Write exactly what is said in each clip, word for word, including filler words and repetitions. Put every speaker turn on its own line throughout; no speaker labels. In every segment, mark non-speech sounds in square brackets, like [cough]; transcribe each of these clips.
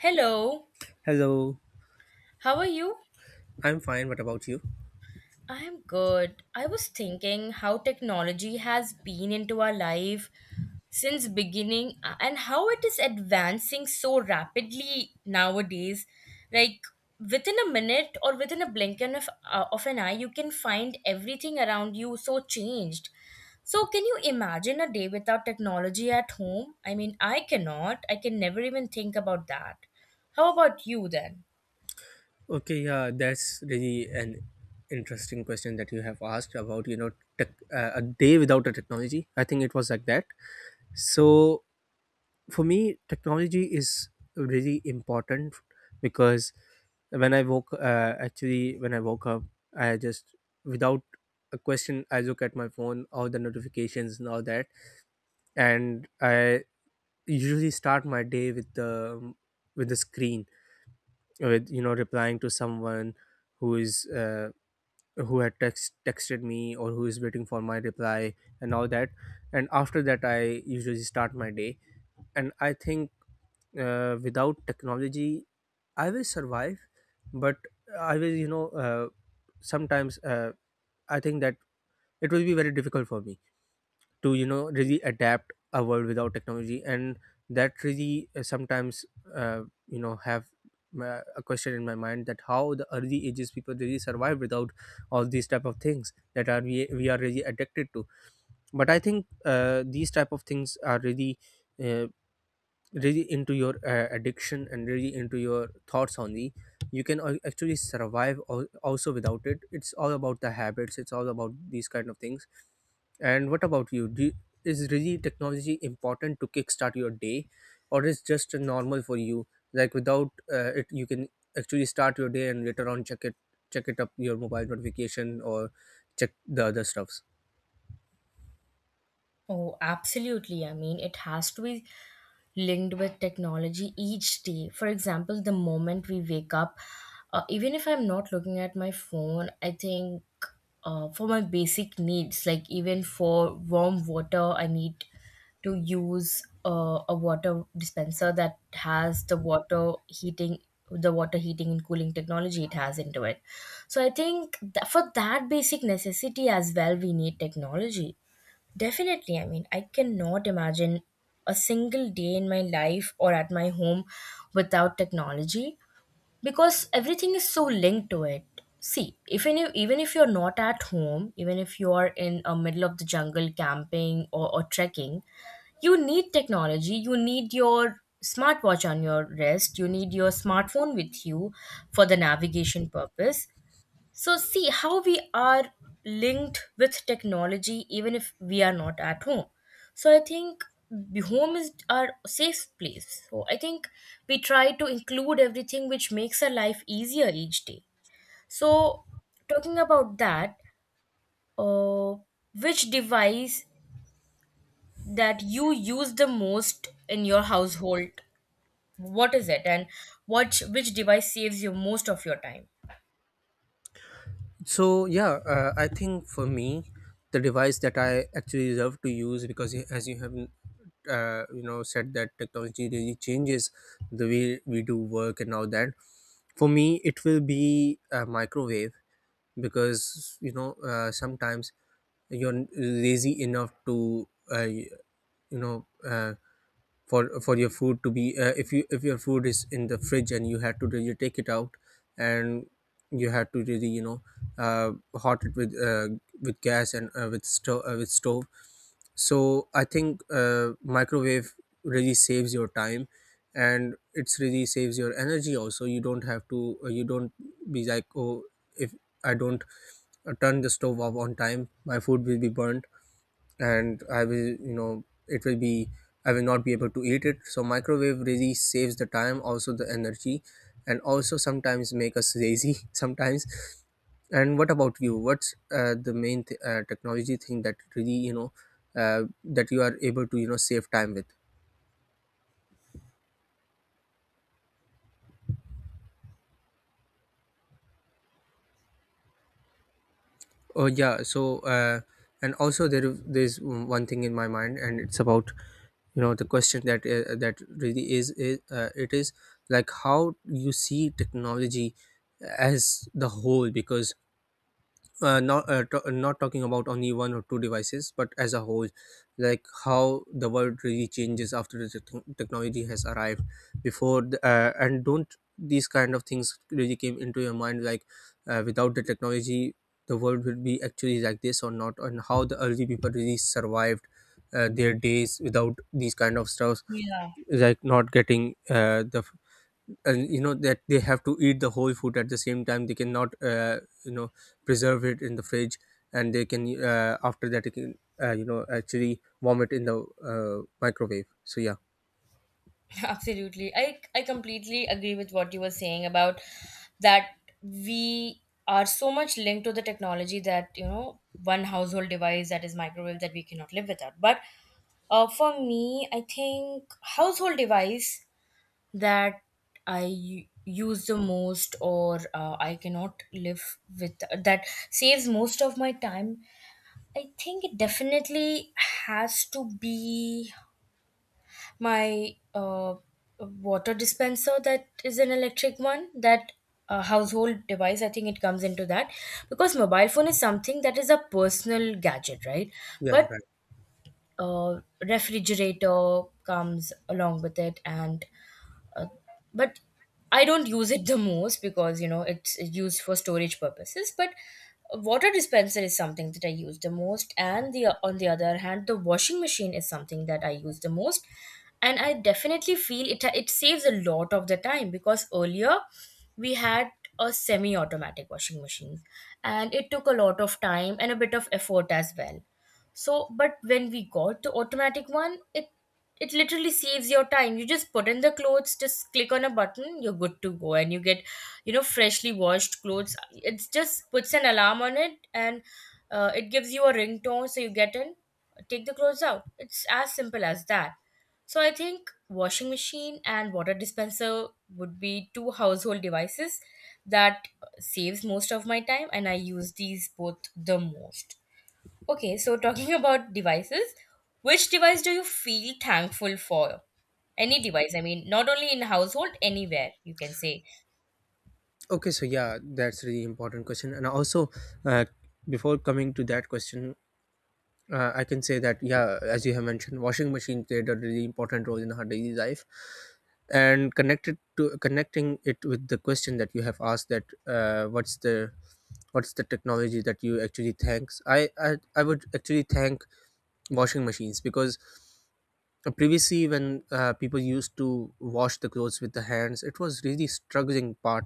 Hello,
Hello,
how are you?
I'm fine. What about you?
I am good. I was thinking how technology has been into our life since beginning, uh, and how it is advancing so rapidly nowadays. Like within a minute or within a blink of, uh, of an eye, you can find everything around you so changed. So, can you imagine a day without technology at home? I mean, I cannot. I can never even think about that. How about you then?
Okay, yeah, that's really an interesting question that you have asked about, you know, tech, uh, a day without a technology. I think it was like that. So, for me, technology is really important because when I woke, uh, actually, when I woke up, I just, without a question, I look at my phone, all the notifications and all that. And I usually start my day with the, with the screen, with you know replying to someone who is, uh, who had text texted me or who is waiting for my reply and all that. And after that I usually start my day. And I think, uh, without technology I will survive, but I will, you know, uh, sometimes uh, I think that it will be very difficult for me to, you know really adapt a world without technology. And that really, uh, sometimes uh, you know have, uh, a question in my mind, that how the early ages people really survive without all these type of things that are we, we are really addicted to. But I think, uh, these type of things are really, uh, really into your uh, addiction and really into your thoughts. On the, you can al- actually survive, al- also without it. It's all about the habits, it's all about these kind of things. And what about you, do you, is really technology important to kickstart your day, or is just normal for you, like without uh, it you can actually start your day and later on check it check it up your mobile notification, or check the other stuffs?
Oh, absolutely. I mean, it has to be linked with technology each day. For example, the moment we wake up, uh, even if I'm not looking at my phone, I think uh, for my basic needs, like even for warm water, I need to use uh, a water dispenser that has the water heating the water heating and cooling technology it has into it. So I think that for that basic necessity as well, we need technology. Definitely. I mean, I cannot imagine a single day in my life or at my home without technology because everything is so linked to it. See, even if even if you're not at home, even if you're in a middle of the jungle camping or, or trekking, you need technology. You need your smartwatch on your wrist. You need your smartphone with you for the navigation purpose. So, see how we are linked with technology even if we are not at home. So, I think the home is our safe place. So, I think we try to include everything which makes our life easier each day. So, talking about that, uh, which device that you use the most in your household? What is it, and what which device saves you most of your time?
So yeah, uh, I think for me, the device that I actually love to use, because y- as you have, uh, you know, said that technology really changes the way we do work and all that. For me, it will be a microwave, because, you know, uh, sometimes you're lazy enough to, uh, you know, uh, for for your food to be, uh, if you if your food is in the fridge and you had to really take it out, and you had to really, you know, uh, hot it with, uh, with gas and, uh, with stove, uh, with stove So I think, uh, microwave really saves your time. And it's really saves your energy also. You don't have to, uh, you don't be like, oh, if I don't uh, turn the stove off on time, my food will be burnt. And I will, you know, it will be, I will not be able to eat it. So microwave really saves the time, also the energy, and also sometimes make us lazy [laughs] sometimes. And what about you? What's, uh, the main, th- uh, technology thing that really, you know, uh, that you are able to, you know, save time with? Oh yeah, so, uh, and also there there's one thing in my mind, and it's about, you know the question that, uh, that really is, is uh, it is like how you see technology as the whole. Because, uh, not uh, t- not talking about only one or two devices, but as a whole, like how the world really changes after the tech- technology has arrived. Before the, uh, and don't these kind of things really came into your mind, like, uh, without the technology, the world would be actually like this or not, and how the early people really survived uh, their days without these kind of stuff,
Yeah.
like not getting, uh, the, and you know that they have to eat the whole food at the same time. They cannot, uh, you know, preserve it in the fridge. And they can, uh, after that they can, uh, you know, actually warm it in the, uh, microwave. So yeah.
Absolutely. I, I completely agree with what you were saying about that we are so much linked to the technology that, you know, one household device that is microwave that we cannot live without. But uh, for me, I think household device that I u- use the most, or uh, I cannot live with that, saves most of my time. I think it definitely has to be my uh, water dispenser that is an electric one. That uh, household device, I think it comes into that because mobile phone is something that is a personal gadget, right?
Yeah,
But
right.
uh, refrigerator comes along with it, and uh, but I don't use it the most because, you know, it's it's used for storage purposes. But a water dispenser is something that I use the most, and the on the other hand, the washing machine is something that I use the most, and I definitely feel it it saves a lot of the time because earlier we had a semi-automatic washing machine, and it took a lot of time and a bit of effort as well. So, but when we got the automatic one, it it literally saves your time. You just put in the clothes, just click on a button, you're good to go, and you get, you know, freshly washed clothes. It just puts an alarm on it, and uh, it gives you a ringtone, so you get in, take the clothes out. It's as simple as that. So I think washing machine and water dispenser would be two household devices that saves most of my time, and I use these both the most. Okay, so talking about devices, which device do you feel thankful for? Any device, I mean, not only in household, anywhere you can say.
Okay, so yeah, that's really important question. And also, uh, before coming to that question, uh, I can say that yeah, as you have mentioned, washing machine played a really important role in her daily life. And connected to connecting it with the question that you have asked, that, uh, what's the what's the technology that you actually thanks. I, I I would actually thank washing machines, because previously when, uh, people used to wash the clothes with the hands, it was really struggling part.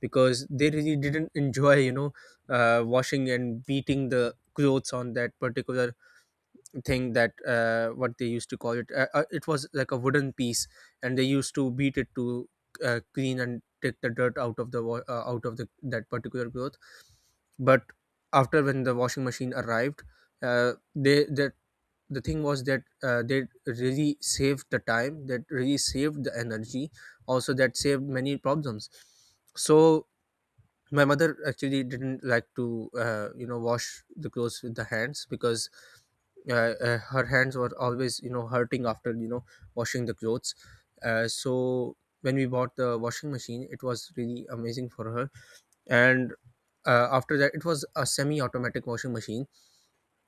Because they really didn't enjoy, you know, uh, washing and beating the clothes on that particular thing that, uh, what they used to call it, uh, uh, it was like a wooden piece. And they used to beat it to, uh, clean and take the dirt out of the, wa- uh, out of the that particular cloth. But after when the washing machine arrived, uh, they that the thing was that, uh, they really saved the time, that really saved the energy, also that saved many problems. So my mother actually didn't like to, uh, you know, wash the clothes with the hands, because, uh, uh, her hands were always, you know, hurting after, you know, washing the clothes. Uh, so when we bought the washing machine, it was really amazing for her. And, uh, after that, it was a semi automatic washing machine.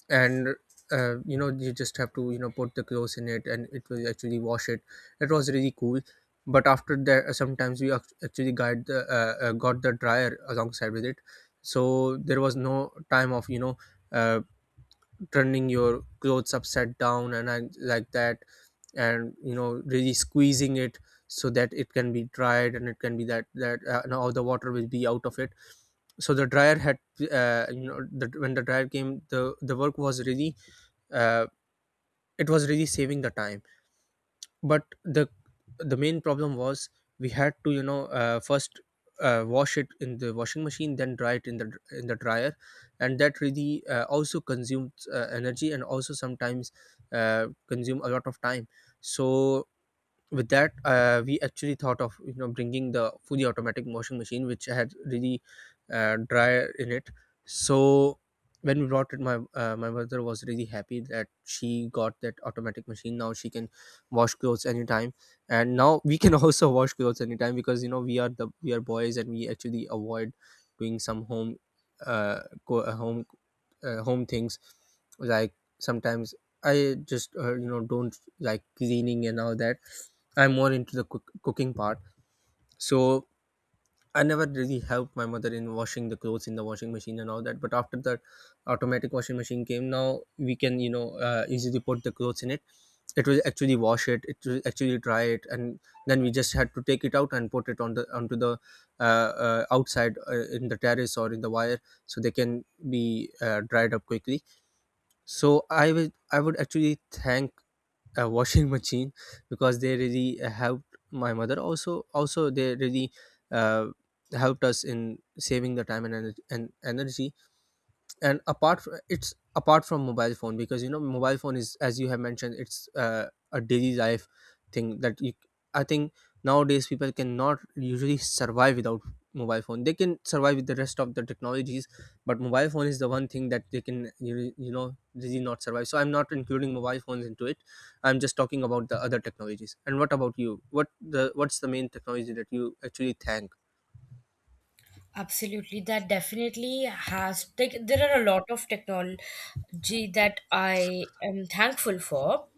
And, uh, you know, you just have to, you know, put the clothes in it and it will actually wash it. It was really cool. But after that, uh, sometimes we, act- actually got the, uh, uh, got the dryer alongside with it. So there was no time of, you know, uh, turning your clothes upside down and I, like that, and, you know, really squeezing it, so that it can be dried, and it can be that that uh, and all the water will be out of it. So the dryer had, uh, you know, the, when the dryer came, the the work was really, uh, it was really saving the time. But the the main problem was, we had to, you know, uh, first, uh, wash it in the washing machine, then dry it in the in the dryer. And that really, uh, also consumes, uh, energy, and also sometimes, uh, consume a lot of time. So with that, uh, we actually thought of, you know, bringing the fully automatic washing machine, which had really, uh, dryer in it. So when we brought it, my uh, my mother was really happy that she got that automatic machine. Now she can wash clothes anytime. And now we can [laughs] also wash clothes anytime, because, you know, we are the we are boys, and we actually avoid doing some home, uh, co- uh, home, uh, home things. Like sometimes I just, uh, you know, don't like cleaning and all that. I'm more into the cook- cooking part. So I never really helped my mother in washing the clothes in the washing machine and all that. But after that automatic washing machine came, now we can, you know, uh, easily put the clothes in it. It will actually wash it. It will actually dry it. And then we just had to take it out and put it on the onto the, uh, uh, outside, uh, in the terrace or in the wire, so they can be, uh, dried up quickly. So I would, I would actually thank a washing machine, because they really helped my mother, also also they really, uh, helped us in saving the time and, ener- and energy. And apart from, it's apart from mobile phone, because, you know, mobile phone is, as you have mentioned, it's, uh, a daily life thing, that you, I think, nowadays people cannot usually survive without mobile phone. They can survive with the rest of the technologies, but mobile phone is the one thing that they can, you, you know, really not survive. So I'm not including mobile phones into it. I'm just talking about the other technologies. And what about you? What the what's the main technology that you actually thank?
Absolutely, that definitely has. Like, there are a lot of technology that I am thankful for.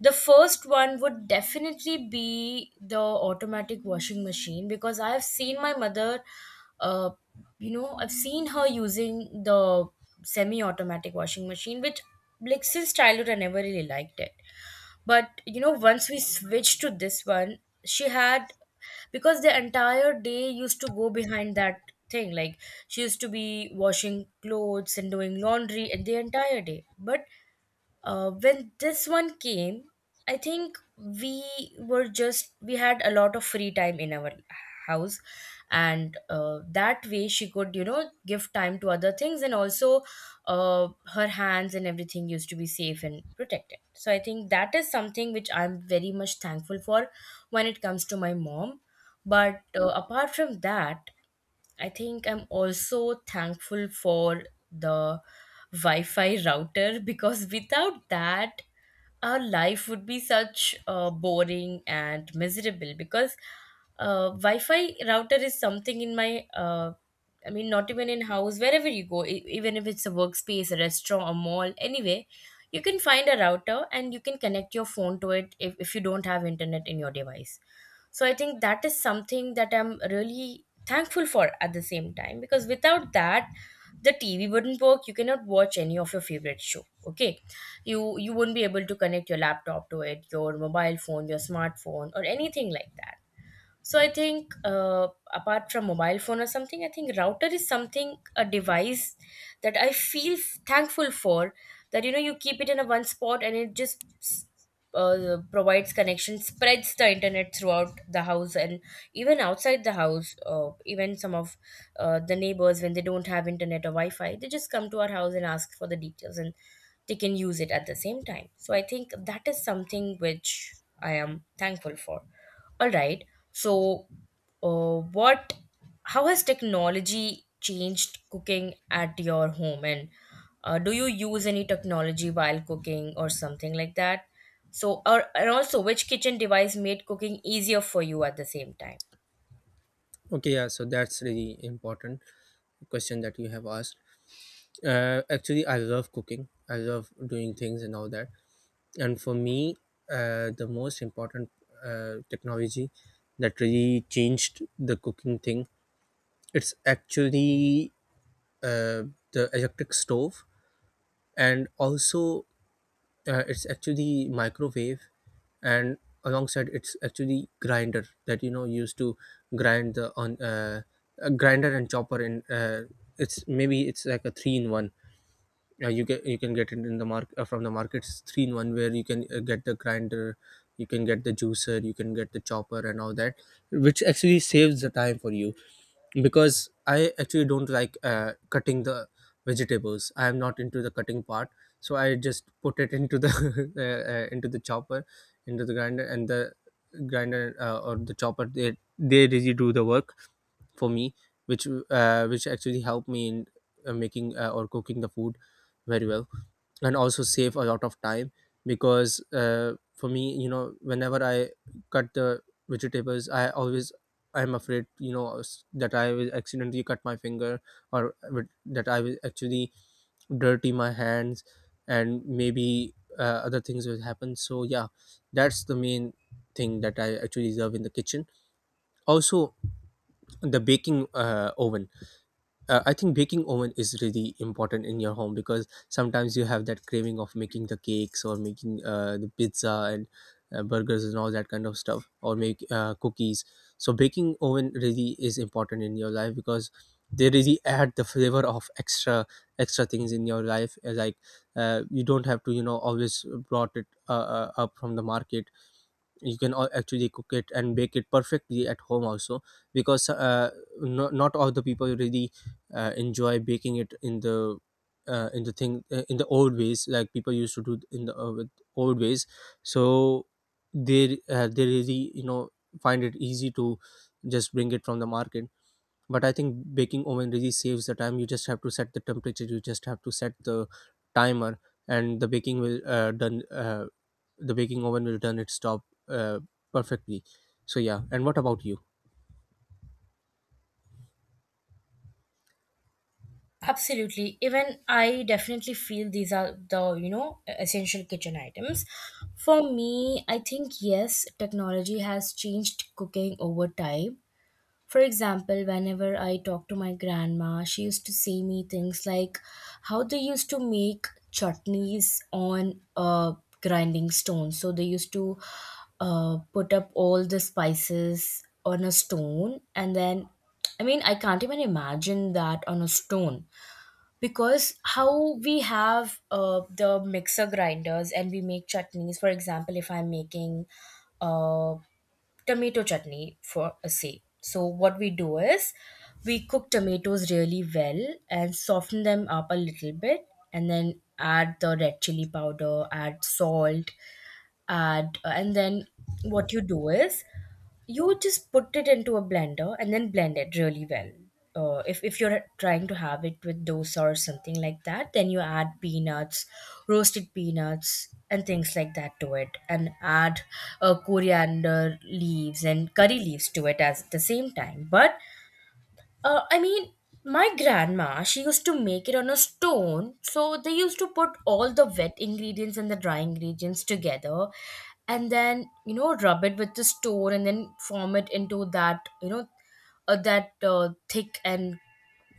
The first one would definitely be the automatic washing machine because I have seen my mother uh, you know, I've seen her using the semi automatic washing machine, which, like, since childhood, I never really liked it. But, you know, once we switched to this one, she had, because the entire day used to go behind that thing. Like, she used to be washing clothes and doing laundry and the entire day. But uh, when this one came, I think we were just we had a lot of free time in our house, and uh, that way she could, you know give time to other things, and also uh, her hands and everything used to be safe and protected. So I think that is something which I'm very much thankful for when it comes to my mom. But uh, apart from that, I think I'm also thankful for the Wi Fi router [laughs] because without that, our life would be such uh, boring and miserable. Because uh, Wi Fi router is something in my, uh, I mean, not even in house, wherever you go, e- even if it's a workspace, a restaurant, a mall, anywhere, you can find a router and you can connect your phone to it if, if you don't have internet in your device. So I think that is something that I'm really thankful for, at the same time, because without that, the TV wouldn't work. You cannot watch any of your favorite show. Okay, you you wouldn't be able to connect your laptop to it, your mobile phone, your smartphone, or anything like that. So I think, uh, apart from mobile phone or something, I think router is something, a device, that I feel f- thankful for. That, you know, you keep it in a one spot, and it just uh, provides connection, spreads the internet throughout the house and even outside the house. Uh, even some of uh, the neighbors, when they don't have internet or Wi-Fi, they just come to our house and ask for the details, and they can use it at the same time. So I think that is something which I am thankful for. All right. So, uh, what, how has technology changed cooking at your home? And uh, do you use any technology while cooking or something like that? So, or, and also, which kitchen device made cooking easier for you at the same time?
Okay yeah, so that's really important question that you have asked. Uh, actually, I love cooking. I love doing things and all that. And for me, uh, the most important, uh, technology that really changed the cooking thing, it's actually, uh, the electric stove, and also, uh, it's actually microwave, and alongside, it's actually grinder that, you know, used to grind the on, uh, a grinder and chopper in. Uh, it's maybe it's like a three in one. Yeah you get you can get it in the market uh, from the markets, three in one, where you can uh, get the grinder, you can get the juicer, you can get the chopper and all that, which actually saves the time for you, because I actually don't like uh, cutting the vegetables. I am not into the cutting part, so I just put it into the [laughs] uh, uh, into the chopper, into the grinder, and the grinder, uh, or the chopper, they they really do the work for me, which uh, which actually helped me in uh, making uh, or cooking the food very well, and also save a lot of time, because uh, for me, you know, whenever I cut the vegetables, I always I'm afraid, you know, s- that I will accidentally cut my finger, or would- that I will actually dirty my hands, and maybe uh, other things will happen. So yeah, that's the main thing that I actually love in the kitchen. Also, the baking uh, oven, uh, I think baking oven is really important in your home, because sometimes you have that craving of making the cakes, or making uh, the pizza and uh, burgers and all that kind of stuff, or make uh, cookies. So baking oven really is important in your life, because they really add the flavor of extra extra things in your life. uh, Like uh, you don't have to, you know, always brought it uh, uh, up from the market. You can all actually cook it and bake it perfectly at home also, because uh, no, not all the people really uh, enjoy baking it in the uh, in the thing, uh, in the old ways, like people used to do in the uh, with old ways, so they uh, they really, you know, find it easy to just bring it from the market. But I think baking oven really saves the time. You just have to set the temperature, you just have to set the timer, and the baking will uh, done uh, the baking oven will done its job uh, perfectly. So yeah, and what about you?
Absolutely. Even I definitely feel these are the, you know, e-, essential kitchen items. For me, I think yes, technology has changed cooking over time. For example, whenever I talk to my grandma, she used to say me things like how they used to make chutneys on a grinding stone. So they used to, uh, put up all the spices on a stone, and then, I mean, I can't even imagine that on a stone, because how we have uh, the mixer grinders and we make chutneys. For example, if I'm making uh, tomato chutney for a say. So what we do is we cook tomatoes really well and soften them up a little bit, and then add the red chili powder, add salt, add uh, and then what you do is you just put it into a blender and then blend it really well. Uh, if, if you're trying to have it with dosa or something like that, then you add peanuts, roasted peanuts, and things like that to it, and add uh, coriander leaves and curry leaves to it as at the same time. But uh, I mean, my grandma, she used to make it on a stone. So they used to put all the wet ingredients and the dry ingredients together, and then, you know, rub it with the stone and then form it into that, you know, uh, that uh, thick and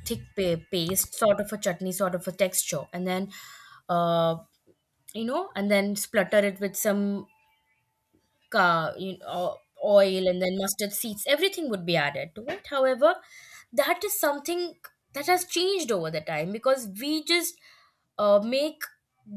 thick pa- paste, sort of a chutney, sort of a texture. And then, uh, you know, and then splutter it with some uh, you know, oil, and then mustard seeds, everything would be added to it. However, that is something that has changed over the time, because we just uh, make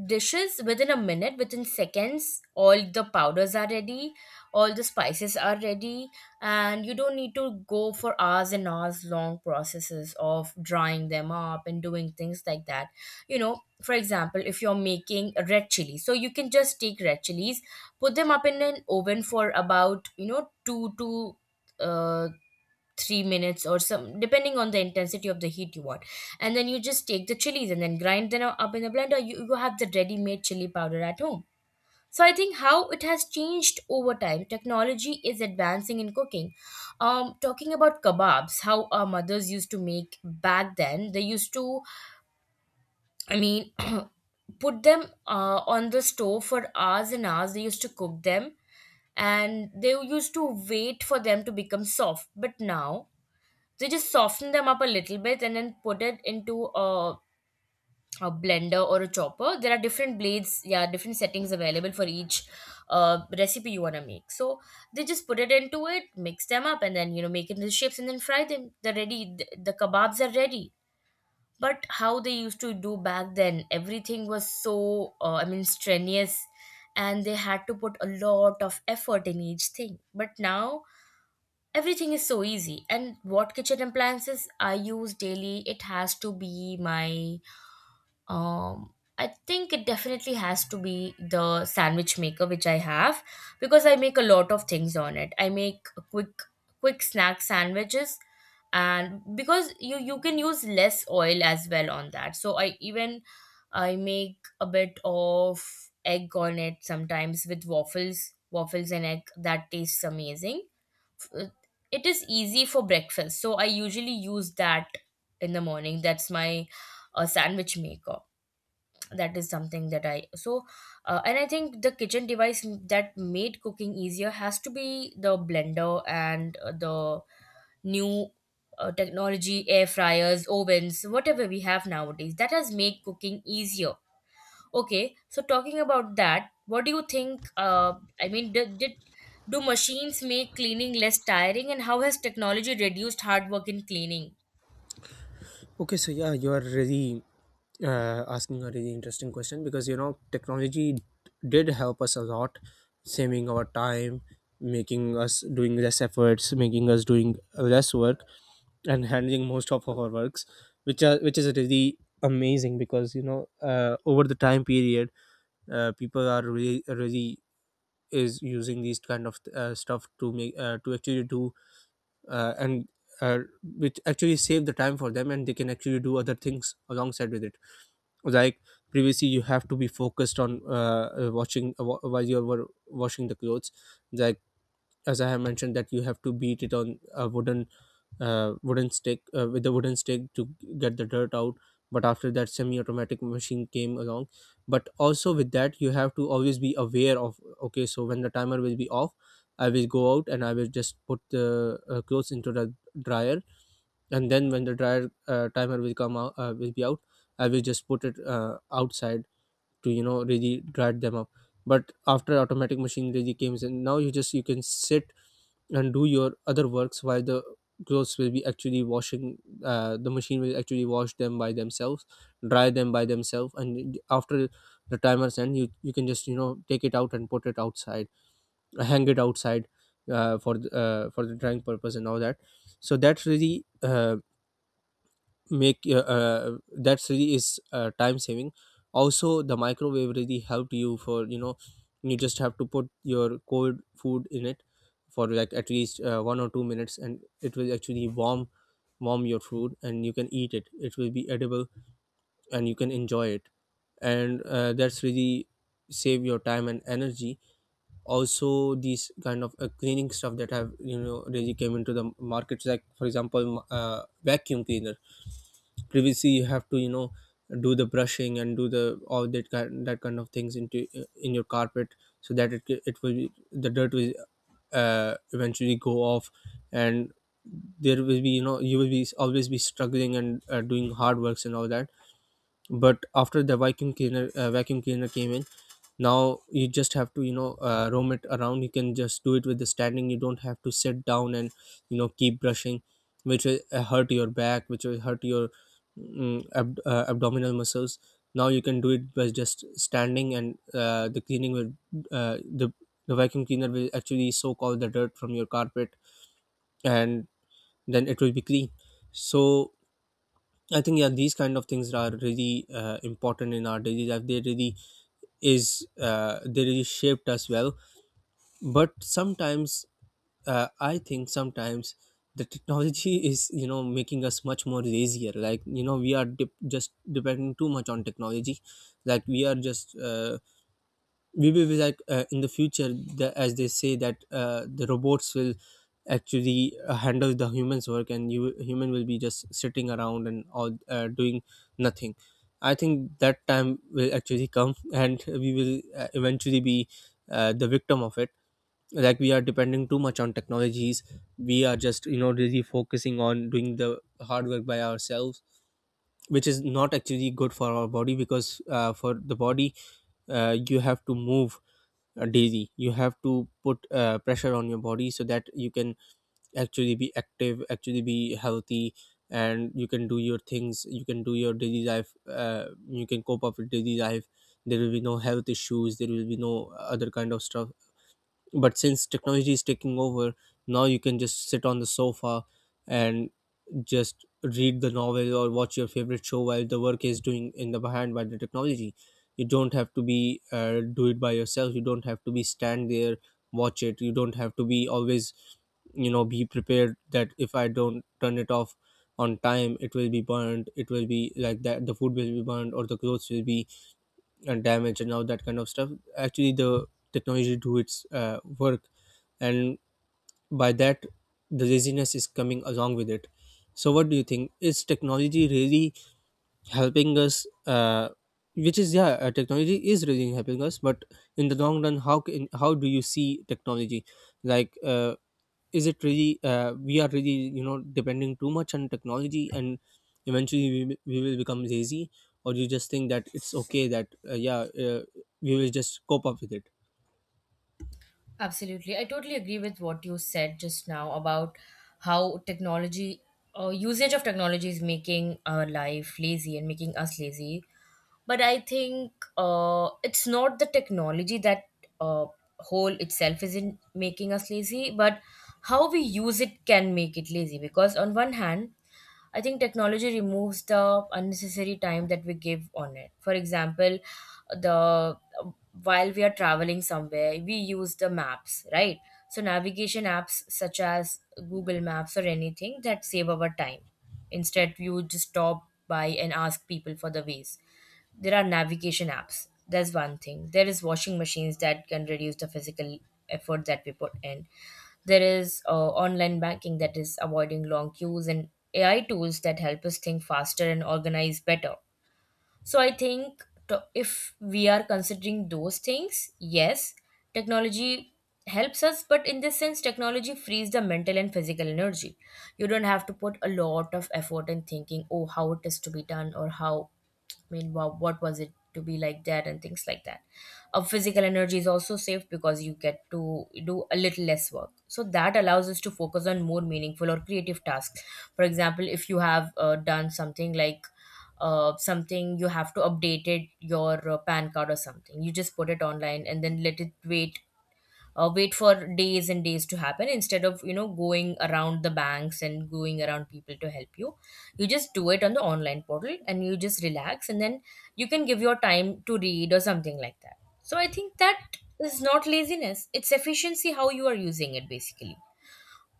dishes within a minute, within seconds. All the powders are ready, all the spices are ready, and you don't need to go for hours and hours long processes of drying them up and doing things like that. You know for example, if you're making red chili, so you can just take red chilies, put them up in an oven for about, you know two to uh, three minutes or some, depending on the intensity of the heat you want. And then you just take the chilies and then grind them up in a blender. You, you have the ready made chili powder at home. So I think how it has changed over time, technology is advancing in cooking. Um talking about kebabs, how our mothers used to make back then, they used to, I mean, [clears throat] put them uh, on the stove for hours and hours. They used to cook them, and they used to wait for them to become soft. But now they just soften them up a little bit and then put it into a, a blender or a chopper. There are different blades, yeah, different settings available for each uh, recipe you want to make. So they just put it into it, mix them up, and then you know make it into shapes and then fry them. They're ready. The, the kebabs are ready. But how they used to do back then, everything was so uh, I mean strenuous, and they had to put a lot of effort in each thing. But now everything is so easy. And what kitchen appliances I use daily, it has to be my um I think it definitely has to be the sandwich maker which I have, because I make a lot of things on it. I make a quick quick snack sandwiches, and because you you can use less oil as well on that. So I even I make a bit of egg on it sometimes with waffles, waffles and egg, that tastes amazing. f- it is easy for breakfast, so I usually use that in the morning. That's my uh, sandwich maker. That is something that I so uh, and I think the kitchen device that made cooking easier has to be the blender and uh, the new uh, technology, air fryers, ovens, whatever we have nowadays, that has made cooking easier. Okay, so talking about that, what do you think? Uh, I mean, did, did do machines make cleaning less tiring, and how has technology reduced hard work in cleaning?
Okay, so yeah, you are really uh, asking a really interesting question, because you know technology d- did help us a lot, saving our time, making us doing less efforts, making us doing less work, and handling most of our works, which are which is really amazing, because you know uh, over the time period uh, people are really really is using these kind of uh, stuff to make uh, to actually do uh, and uh, which actually save the time for them, and they can actually do other things alongside with it. Like previously you have to be focused on uh, uh, watching uh, wa- while you were washing the clothes, like as I have mentioned, that you have to beat it on a wooden uh, wooden stick uh, with a wooden stick to get the dirt out. But after that, semi-automatic machine came along. But also with that, you have to always be aware of, okay, so when the timer will be off, I will go out and I will just put the uh, clothes into the dryer, and then when the dryer uh, timer will come out, uh, will be out, I will just put it uh, outside to, you know, really dry them up. But after automatic machine really came in, now you just you can sit and do your other works while the clothes will be actually washing. Uh, the machine will actually wash them by themselves, dry them by themselves, and after the timer's end you you can just, you know, take it out and put it outside, uh, hang it outside uh, for the, uh, for the drying purpose and all that. So that's really uh, make uh, uh, that really is uh, time saving. Also the microwave really helped you, for you know you just have to put your cold food in it for like at least uh, one or two minutes, and it will actually warm warm your food, and you can eat it, it will be edible, and you can enjoy it. And uh, that's really save your time and energy. Also these kind of uh, cleaning stuff that have, you know, really came into the markets, like for example, m- uh, vacuum cleaners. Previously you have to, you know, do the brushing and do the all that kind that kind of things into, in your carpet, so that it it will be, the dirt will uh, eventually go off, and there will be, you know, you will be always be struggling and uh, doing hard works and all that. But after the vacuum cleaner uh, vacuum cleaner came in, now you just have to, you know, uh, roam it around, you can just do it with the standing. You don't have to sit down and, you know, keep brushing, which will uh, hurt your back, which will hurt your mm, ab- uh, abdominal muscles. Now you can do it by just standing, and uh, the cleaning will uh, the the vacuum cleaner will actually soak all the dirt from your carpet, and then it will be clean. So I think yeah, these kind of things are really uh, important in our daily life. They really is uh, they really shaped us well. But sometimes uh, I think sometimes the technology [laughs] is, you know, making us much more lazier. Like, you know, we are dep just depending too much on technology. Like we are just uh, we will be like, uh, in the future the, as they say that uh, the robots will actually uh, handle the humans work, and you human will be just sitting around and all uh, doing nothing. I think that time will actually come, [laughs] and we will uh, eventually be uh, the victim of it. Like we are depending too much on technologies, we are just, you know, really focusing on doing the hard work by ourselves, which is not actually good for our body, because uh, for the body uh, you have to move uh, daily, you have to put uh, pressure on your body, so that you can actually be active, actually be healthy, and you can do your things, you can do your daily life, uh, you can cope up with daily life. There will be no health issues, there will be no other kind of stuff. But since technology is taking over, now you can just sit on the sofa and just read the novel or watch your favorite show while the work is doing in the behind by the technology. You don't have to be uh, do it by yourself, you don't have to be stand there, watch it, you don't have to be always, you know, be prepared that if I don't turn it off on time, it will be burned, it will be like that, the food will be burned, or the clothes will be uh, damaged and all that kind of stuff. Actually the technology do its uh, work, and by that, the laziness is coming along with it. So what do you think, is technology really helping us, uh, which is yeah uh, technology is really helping us, but in the long run, how can how do you see technology, like uh, is it really, uh, we are really, you know, depending too much on technology, and eventually we, will- we will become lazy, or you just think that it's okay, that uh, yeah uh, we will just cope up with it.
Absolutely. I totally agree with what you said just now about how technology, uh, usage of technology is making our life lazy and making us lazy. But I think uh, it's not the technology that uh, whole itself isn't making us lazy, but how we use it can make it lazy. Because on one hand, I think technology removes the unnecessary time that we give on it. For example, the uh, while we are traveling somewhere, we use the maps, right? So navigation apps such as Google Maps or anything that save our time. Instead, you just stop by and ask people for the ways. There are navigation apps. That's one thing. There is washing machines that can reduce the physical effort that we put in. There is uh, online banking that is avoiding long queues, and A I tools that help us think faster and organize better. So I think to, if we are considering those things, yes, technology helps us, but in this sense, technology frees the mental and physical energy. You don't have to put a lot of effort in thinking, oh, how it is to be done or how, I mean, wow, what was it to be like that and things like that. Our physical energy is also saved because you get to do a little less work. So that allows us to focus on more meaningful or creative tasks. For example, if you have uh, done something like uh, something you have to update it, your uh, pan card or something, you just put it online and then let it wait, uh, wait for days and days to happen, instead of you know going around the banks and going around people to help you. You just do it on the online portal and you just relax, and then you can give your time to read or something like that. So I think that is not laziness, it's efficiency, how you are using it basically.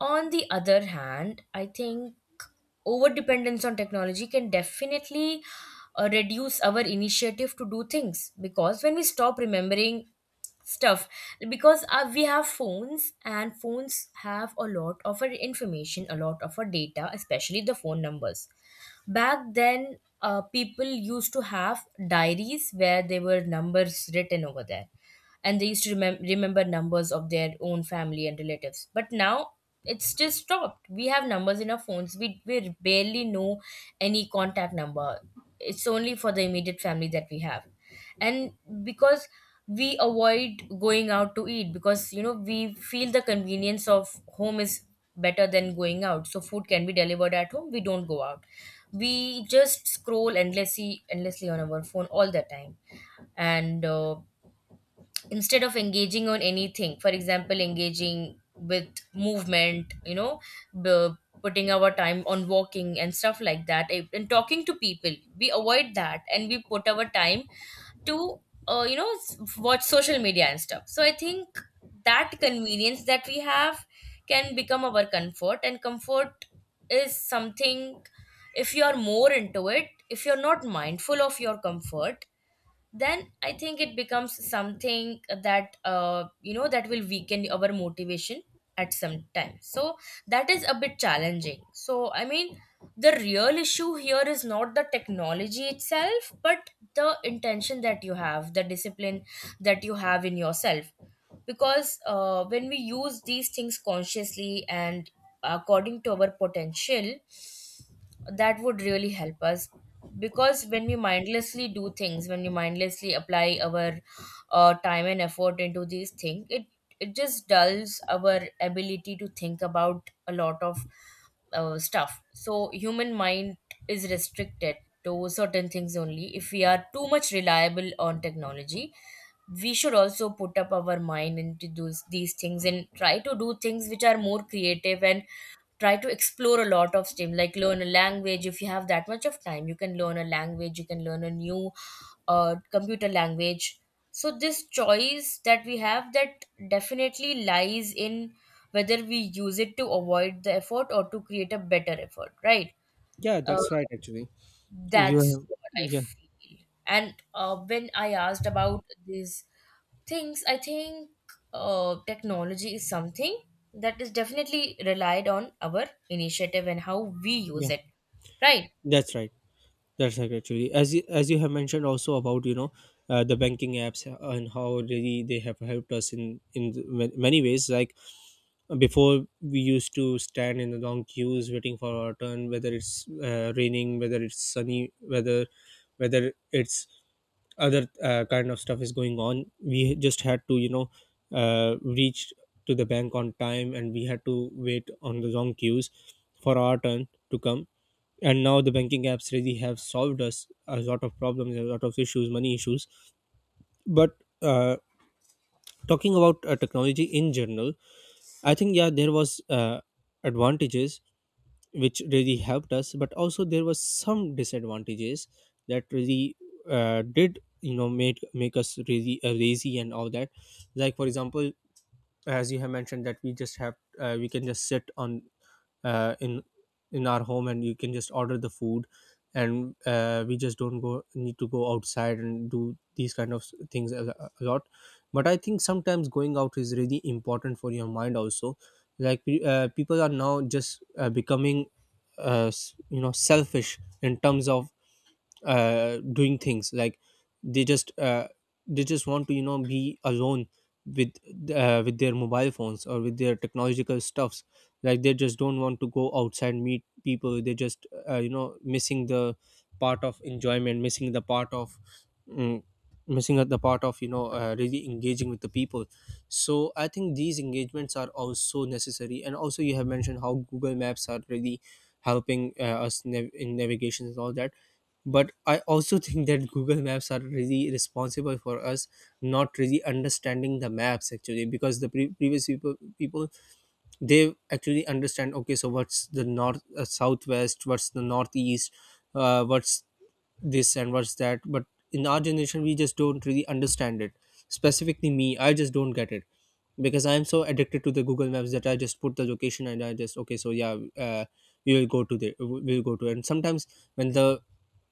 On the other hand, I think over dependence on technology can definitely uh, reduce our initiative to do things, because when we stop remembering stuff, because uh, we have phones and phones have a lot of our information, a lot of our data, especially the phone numbers. Back then, uh, people used to have diaries where there were numbers written over there, and they used to remem- remember numbers of their own family and relatives, but now it's just stopped. We have numbers in our phones. We, we barely know any contact number. It's only for the immediate family that we have. And because we avoid going out to eat, because you know we feel the convenience of home is better than going out, so food can be delivered at home, we don't go out. We just scroll endlessly endlessly on our phone all the time, and uh, instead of engaging on anything, for example engaging with movement, you know b- putting our time on walking and stuff like that, eh, and talking to people, we avoid that, and we put our time to uh, you know s- watch social media and stuff. So I think that convenience that we have can become our comfort, and comfort is something, if you are more into it, if you're not mindful of your comfort, then I think it becomes something that uh, you know that will weaken our motivation at some time. So that is a bit challenging. So I mean, the real issue here is not the technology itself, but the intention that you have, the discipline that you have in yourself. Because uh, when we use these things consciously and according to our potential, that would really help us. Because when we mindlessly do things, when we mindlessly apply our uh, time and effort into these things, it it just dulls our ability to think about a lot of uh, stuff. So human mind is restricted to certain things only. If we are too much reliable on technology, we should also put up our mind into those these things and try to do things which are more creative, and try to explore a lot of STEM, like learn a language. If you have that much of time, you can learn a language, you can learn a new uh, computer language. So, this choice that we have, that definitely lies in whether we use it to avoid the effort or to create a better effort, right?
Yeah,
Uh,
that's right, actually. You
that's
have.
what I
Yeah.
feel. And uh, when I asked about this things, I think uh, technology is something that is definitely relied on our initiative and how we
Yeah,
use it, right?
that's right. That's right, actually. As you, as you have mentioned also about, you know, uh, the banking apps and how really they have helped us in in ma- many ways. Like before, we used to stand in the long queues waiting for our turn, whether it's uh, raining, whether it's sunny, whether whether it's other uh, kind of stuff is going on, we just had to, you know, uh, reach to the bank on time, and we had to wait on the long queues for our turn to come. And now the banking apps really have solved us a lot of problems, a lot of issues, money issues. But uh, talking about uh, technology in general, I think yeah, there was uh, advantages which really helped us, but also there was some disadvantages that really uh, did you know made make us really uh, lazy and all that. Like for example, as you have mentioned, that we just have uh, we can just sit on uh, in in our home, and you can just order the food, and uh, we just don't go need to go outside and do these kind of s- things a, a lot. But I think sometimes going out is really important for your mind also. Like pe- uh, people are now just uh, becoming uh, s- you know selfish in terms of uh, doing things, like they just uh, they just want to, you know, be alone with uh, with their mobile phones or with their technological stuffs, like they just don't want to go outside, meet people. They just uh, you know missing the part of enjoyment, missing the part of mm, missing out the part of, you know, uh, really engaging with the people. So I think these engagements are also necessary. And also you have mentioned how Google Maps are really helping uh, us nav- in navigation and all that. But I also [laughs] think that Google Maps are really responsible for us not really understanding the maps, actually. Because the pre- previous people people, they actually understand, okay so what's the north, uh, southwest, what's the northeast, uh, what's this and what's that. But in our generation we just don't really understand it, specifically me, I just don't get it, because I am so addicted to the Google Maps that I just put the location and I just, okay so yeah, uh, we will go to the we'll go to it. And sometimes when the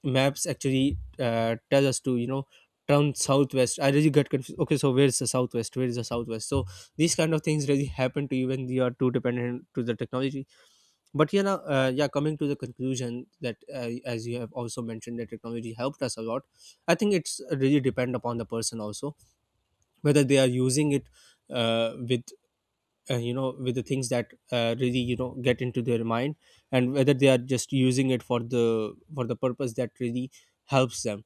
maps actually uh, tell us to, you know, turn southwest, I really get confused, okay so where's the southwest, where is the southwest. So these kind of things really happen to you when you are too dependent to the technology. But yeah now, uh, yeah, coming to the conclusion that uh, as you have also mentioned that technology helped us a lot, I think it's really depend upon the person also, whether they are using it uh, with uh, you know with the things that uh, really, you know, get into their mind, and whether they are just using it for the for the purpose that really helps them.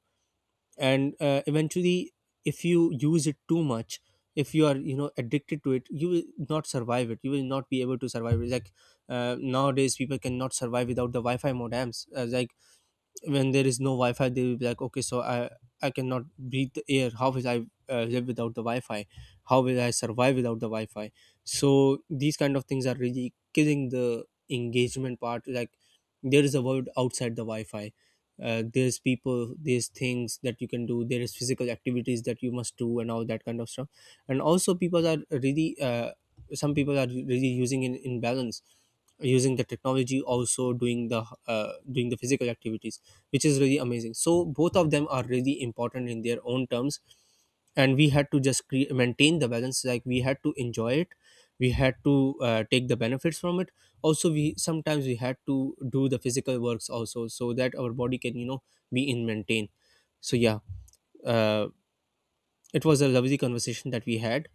And uh, eventually, if you use it too much, if you are, you know, addicted to it, you will not survive it, you will not be able to survive it. Like uh, nowadays people cannot survive without the wi-fi modems, uh, like when there is no wi-fi, they will be like, okay so i i cannot breathe the air, how will I uh, live without the wi-fi, how will I survive without the wi-fi. So these kind of things are really killing the engagement part. Like there is a world outside the wi-fi, uh, there's people, there's things that you can do, there is physical activities that you must do and all that kind of stuff. And also people are really uh, some people are really using in, in balance, using the technology also doing the uh, doing the physical activities, which is really amazing. So both of them are really important in their own terms, and we had to just cre- maintain the balance. Like we had to enjoy it, we had to uh, take the benefits from it. Also, we sometimes we had to do the physical works also, so that our body can, you know, be in maintain. So yeah, uh, it was a lovely conversation that we had,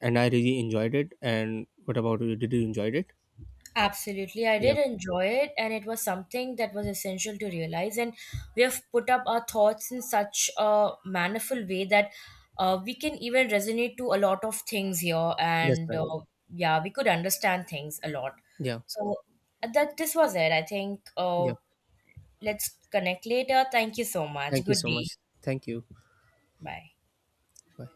and I really enjoyed it. And what about you? Did you enjoy it?
Absolutely, I
Yeah,
did enjoy it, and it was something that was essential to realize, and we have put up our thoughts in such a mannerful way that uh, we can even resonate to a lot of things here,
that's
and
right.
uh, yeah, we could understand things a lot.
Yeah,
So that, this was it. I think
yeah.
uh, let's connect later. Thank you so much,
Thank you
good
so
day.
much. Thank you.
Bye.
Bye.